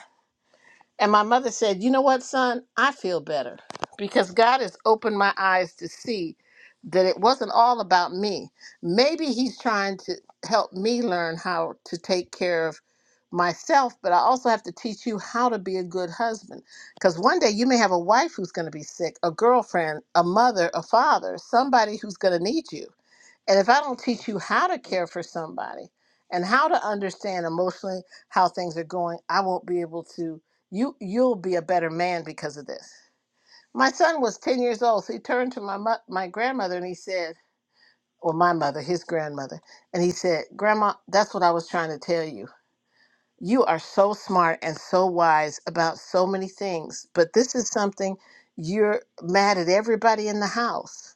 D: And my mother said, You know what, son? I feel better because God has opened my eyes to see that it wasn't all about me. Maybe He's trying to help me learn how to take care of myself, but I also have to teach you how to be a good husband. Because one day you may have a wife who's going to be sick, a girlfriend, a mother, a father, somebody who's going to need you and if I don't teach you how to care for somebody and how to understand emotionally how things are going, I won't be able to you you'll be a better man because of this. My son was 10 years old. So he turned to my mo- my grandmother and he said, or my mother, his grandmother, and he said, "Grandma, that's what I was trying to tell you. You are so smart and so wise about so many things, but this is something you're mad at everybody in the house.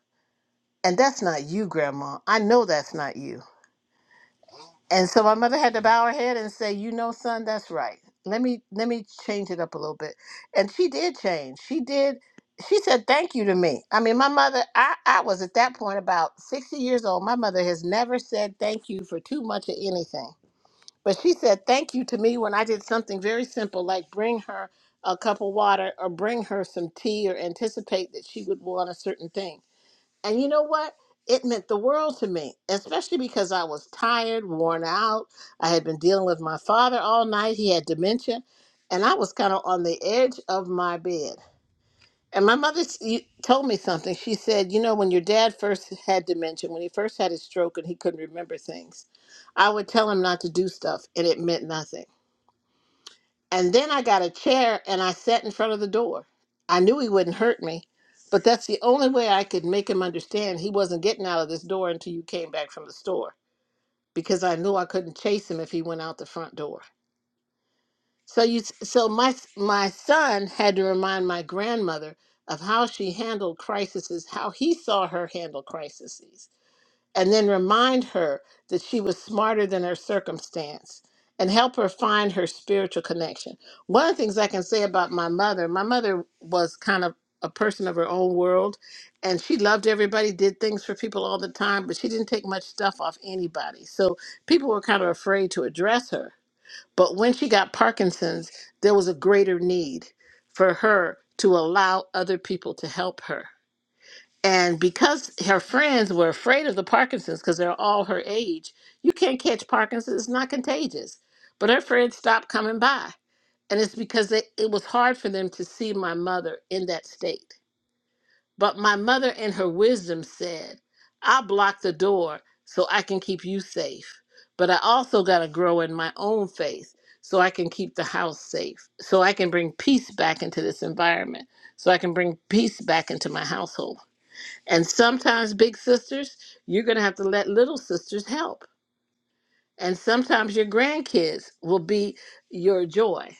D: And that's not you, grandma. I know that's not you." And so my mother had to bow her head and say, "You know, son, that's right. Let me let me change it up a little bit." And she did change. She did. She said thank you to me. I mean, my mother. I I was at that point about sixty years old. My mother has never said thank you for too much of anything, but she said thank you to me when I did something very simple like bring her a cup of water or bring her some tea or anticipate that she would want a certain thing and you know what? It meant the world to me, especially because I was tired, worn out. I had been dealing with my father all night. He had dementia, and I was kind of on the edge of my bed. And my mother s- you- told me something. She said, You know, when your dad first had dementia, when he first had his stroke and he couldn't remember things, I would tell him not to do stuff, and it meant nothing. And then I got a chair and I sat in front of the door. I knew he wouldn't hurt me, but that's the only way I could make him understand he wasn't getting out of this door until you came back from the store because I knew I couldn't chase him if he went out the front door. So you so my my son had to remind my grandmother of how she handled crises, how he saw her handle crises and then remind her that she was smarter than her circumstance and help her find her spiritual connection. One of the things I can say about my mother, my mother was kind of a person of her own world and she loved everybody, did things for people all the time, but she didn't take much stuff off anybody. So people were kind of afraid to address her. But when she got Parkinson's, there was a greater need for her to allow other people to help her and because her friends were afraid of the Parkinson's because they're all her age, you can't catch Parkinson's, it's not contagious. But her friends stopped coming by. And it's because they, it was hard for them to see my mother in that state. But my mother, in her wisdom, said, I block the door so I can keep you safe. But I also got to grow in my own faith so I can keep the house safe, so I can bring peace back into this environment, so I can bring peace back into my household. And sometimes, big sisters, you're going to have to let little sisters help. And sometimes your grandkids will be your joy.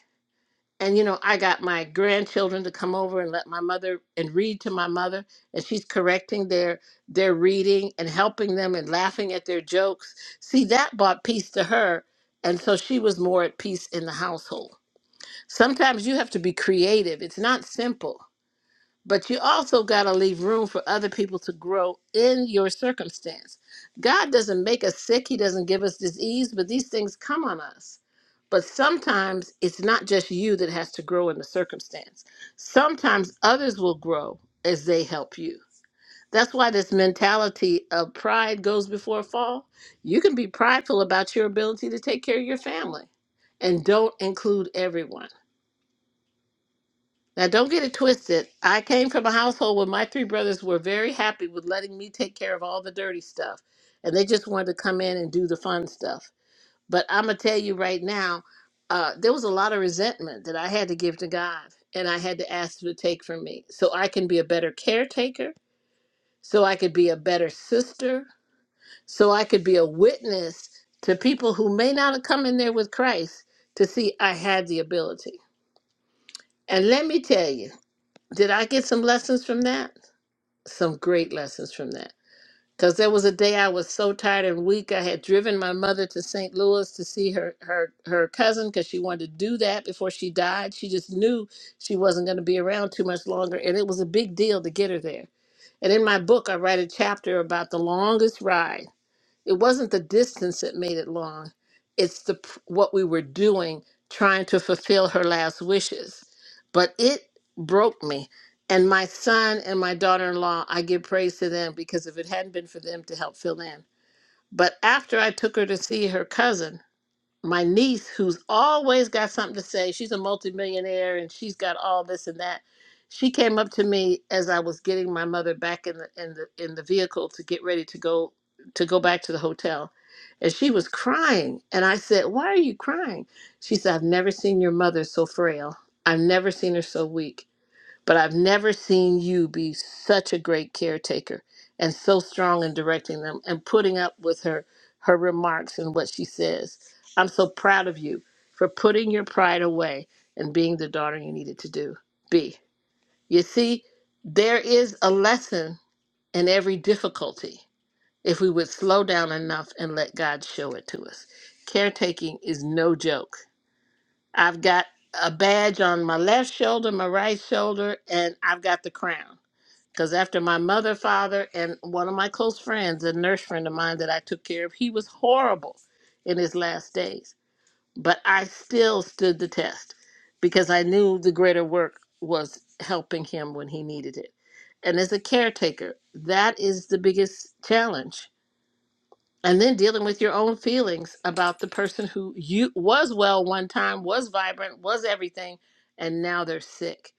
D: And, you know, I got my grandchildren to come over and let my mother and read to my mother. And she's correcting their, their reading and helping them and laughing at their jokes. See, that brought peace to her. And so she was more at peace in the household. Sometimes you have to be creative, it's not simple. But you also got to leave room for other people to grow in your circumstance. God doesn't make us sick, He doesn't give us disease, but these things come on us. But sometimes it's not just you that has to grow in the circumstance, sometimes others will grow as they help you. That's why this mentality of pride goes before a fall. You can be prideful about your ability to take care of your family and don't include everyone. Now, don't get it twisted. I came from a household where my three brothers were very happy with letting me take care of all the dirty stuff, and they just wanted to come in and do the fun stuff. But I'm gonna tell you right now, uh, there was a lot of resentment that I had to give to God, and I had to ask Him to take from me, so I can be a better caretaker, so I could be a better sister, so I could be a witness to people who may not have come in there with Christ to see I had the ability. And let me tell you, did I get some lessons from that? some great lessons from that. Because there was a day I was so tired and weak. I had driven my mother to St. Louis to see her her her cousin because she wanted to do that before she died. She just knew she wasn't going to be around too much longer, and it was a big deal to get her there. And in my book, I write a chapter about the longest ride it wasn't the distance that made it long. It's the p- what we were doing trying to fulfill her last wishes. But it broke me. And my son and my daughter-in-law, I give praise to them because if it hadn't been for them to help fill in. But after I took her to see her cousin, my niece who's always got something to say she's a multimillionaire and she's got all this and that she came up to me as i was getting my mother back in the in the in the vehicle to get ready to go to go back to the hotel and she was crying and i said why are you crying she said i've never seen your mother so frail i've never seen her so weak but I've never seen you be such a great caretaker and so strong in directing them and putting up with her her remarks and what she says. I'm so proud of you for putting your pride away and being the daughter you needed to do. Be. You see, there is a lesson in every difficulty if we would slow down enough and let God show it to us. Caretaking is no joke. I've got a badge on my left shoulder, my right shoulder, and I've got the crown because after my mother, father, and one of my close friends, a nurse friend of mine that I took care of, he was horrible in his last days. But I still stood the test because I knew the greater work was helping him when he needed it. And as a caretaker, that is the biggest challenge. And then dealing with your own feelings about the person who you was well one time, was vibrant, was everything, and now they're sick.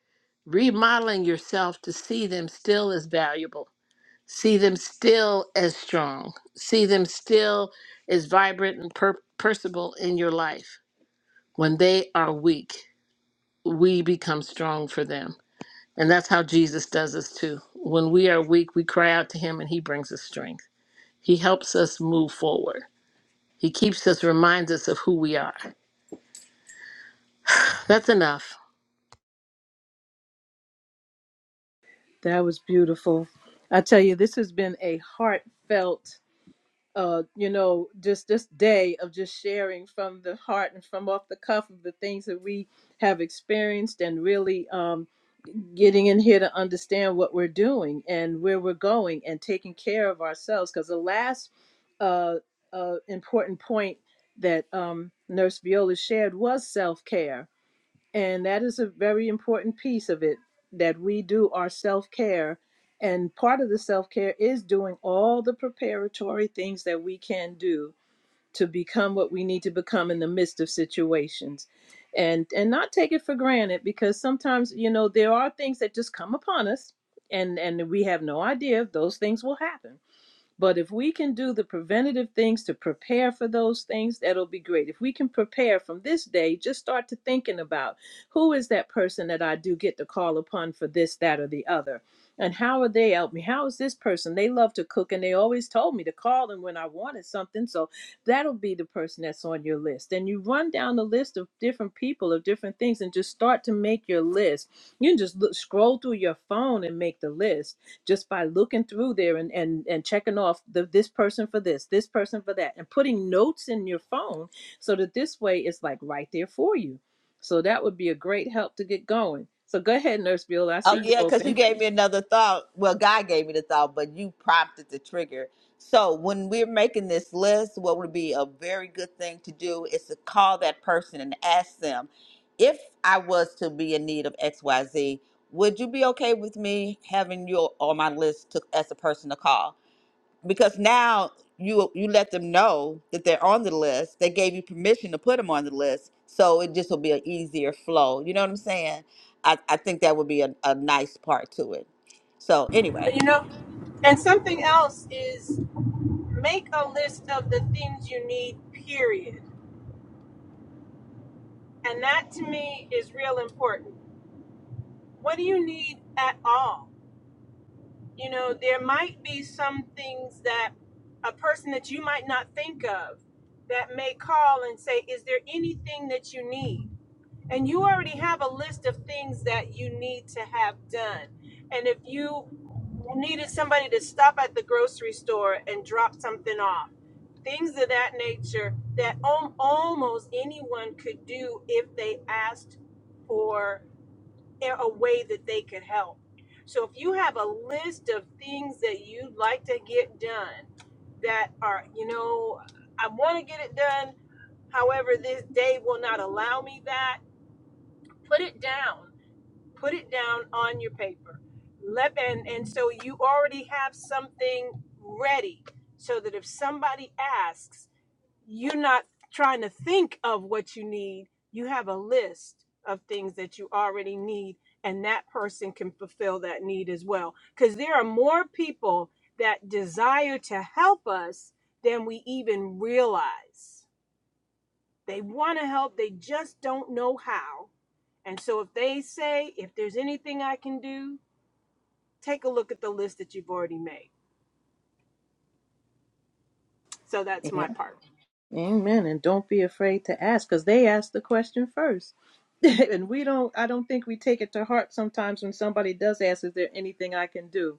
D: Remodeling yourself to see them still as valuable see them still as strong, see them still as vibrant and per- percival in your life. When they are weak, we become strong for them. And that's how Jesus does us too. When we are weak, we cry out to him and he brings us strength. He helps us move forward. He keeps us, reminds us of who we are. That's enough.
A: That was beautiful. I tell you, this has been a heartfelt, uh, you know, just this day of just sharing from the heart and from off the cuff of the things that we have experienced and really. um, getting in here to understand what we're doing and where we're going and taking care of ourselves. Because the last uh, uh, important point that um, Nurse Viola shared was self care. And that is a very important piece of it that we do our self care. And part of the self care is doing all the preparatory things that we can do to become what we need to become in the midst of situations and and not take it for granted because sometimes you know there are things that just come upon us and and we have no idea if those things will happen but if we can do the preventative things to prepare for those things, that'll be great. If we can prepare from this day, just start to thinking about who is that person that I do get to call upon for this, that, or the other. And how are they help me? How is this person? They love to cook and they always told me to call them when I wanted something. So that'll be the person that's on your list. And you run down the list of different people, of different things, and just start to make your list. You can just look, scroll through your phone and make the list just by looking through there and and and checking off the this person for this, this person for that, and putting notes in your phone so that this way it's like right there for you. So that would be a great help to get going. So go ahead, Nurse Bueller. I see
C: Oh
A: you
C: yeah, because you
A: open.
C: gave me another thought. Well, God gave me the thought, but you prompted the trigger. So when we're making this list, what would be a very good thing to do is to call that person and ask them, if I was to be in need of X, Y, Z, would you be okay with me having you on my list to, as a person to call? because now you you let them know that they're on the list. They gave you permission to put them on the list, so it just will be an easier flow. You know what I'm saying? I, I think that would be a, a nice part to it. So anyway,
A: Yeah. Amen. And don't be afraid to ask because they asked the question first. and we don't, I don't think we take it to heart sometimes when somebody does ask, is there anything I can do?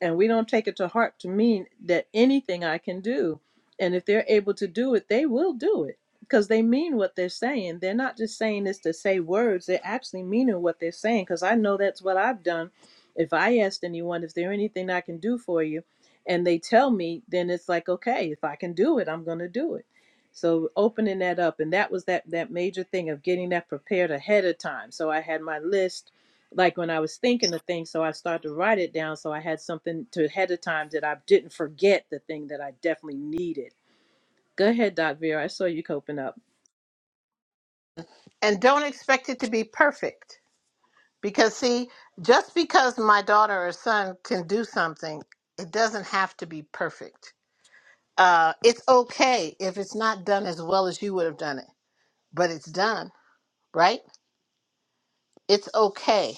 A: and we don't take it to heart to mean that anything I can do. And if they're able to do it, they will do it because they mean what they're saying. They're not just saying this to say words, they're actually meaning what they're saying because I know that's what I've done. If I asked anyone, "Is there anything I can do for you, and they tell me, then it's like, okay, if I can do it, I'm going to do it. So opening that up, and that was that that major thing of getting that prepared ahead of time. So I had my list like when I was thinking the thing, so I started to write it down. So I had something to ahead of time that I didn't forget the thing that I definitely needed. Go ahead, Doc Vera. I saw you coping up.
D: And don't expect it to be perfect. Because, see, just because my daughter or son can do something, it doesn't have to be perfect Uh, it's okay if it's not done as well as you would have done it, but it's done, right? It's okay.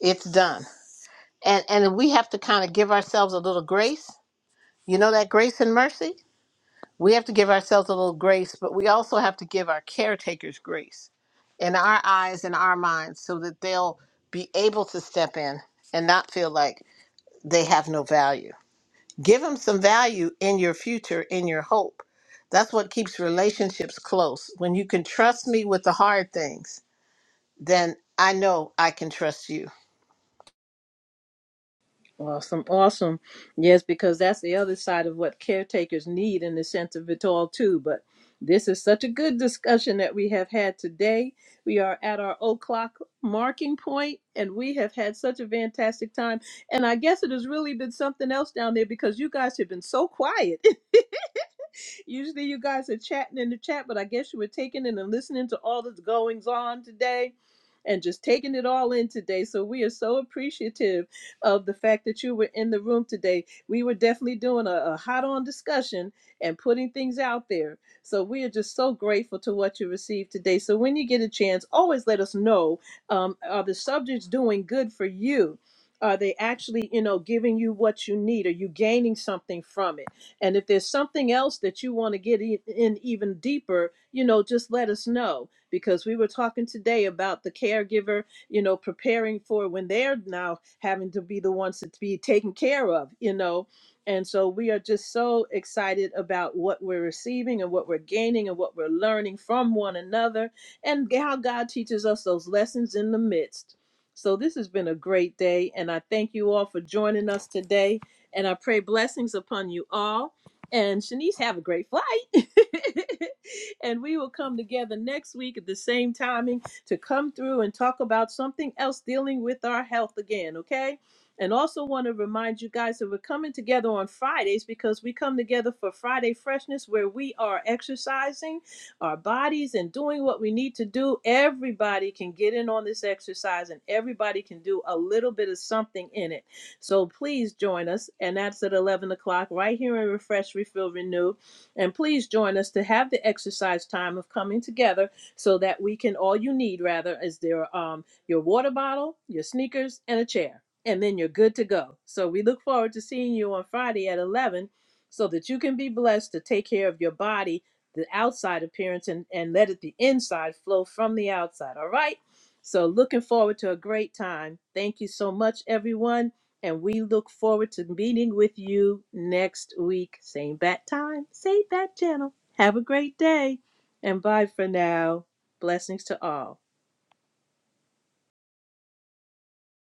D: It's done. And and we have to kind of give ourselves a little grace. You know that grace and mercy? We have to give ourselves a little grace, but we also have to give our caretakers grace in our eyes and our minds so that they'll be able to step in and not feel like they have no value give them some value in your future in your hope that's what keeps relationships close when you can trust me with the hard things then i know i can trust you
A: Awesome, awesome. Yes, because that's the other side of what caretakers need in the sense of it all too. But this is such a good discussion that we have had today. We are at our o'clock marking point, and we have had such a fantastic time. And I guess it has really been something else down there because you guys have been so quiet. Usually you guys are chatting in the chat, but I guess you were taking in and listening to all that's goings on today and just taking it all in today. So we are so appreciative of the fact that you were in the room today. We were definitely doing a, a hot on discussion and putting things out there. So we are just so grateful to what you received today. So when you get a chance, always let us know um, are the subjects doing good for you? Are they actually, you know, giving you what you need? Are you gaining something from it? And if there's something else that you want to get e- in even deeper, you know, just let us know because we were talking today about the caregiver, you know, preparing for when they're now having to be the ones to be taken care of, you know. And so we are just so excited about what we're receiving and what we're gaining and what we're learning from one another and how God teaches us those lessons in the midst. So this has been a great day, and I thank you all for joining us today. And I pray blessings upon you all. And Shanice, have a great flight. and we will come together next week at the same timing to come through and talk about something else dealing with our health again, okay? And also want to remind you guys that we're coming together on Fridays because we come together for Friday Freshness where we are exercising our bodies and doing what we need to do. Everybody can get in on this exercise and everybody can do a little bit of something in it. So please join us, and that's at 11 o'clock right here in Refresh, Refill, Renew. And please join us to have the exercise time of coming together so that we can, all you need rather, is their, um, your water bottle, your sneakers, and a chair. And then you're good to go. So we look forward to seeing you on Friday at 11 so that you can be blessed to take care of your body the outside appearance and, and let it the inside flow from the outside. All right. So looking forward to a great time. Thank you so much, everyone. And we look forward to meeting with you next week. Same bat time, same bat channel. Have a great day and bye for now. Blessings to all.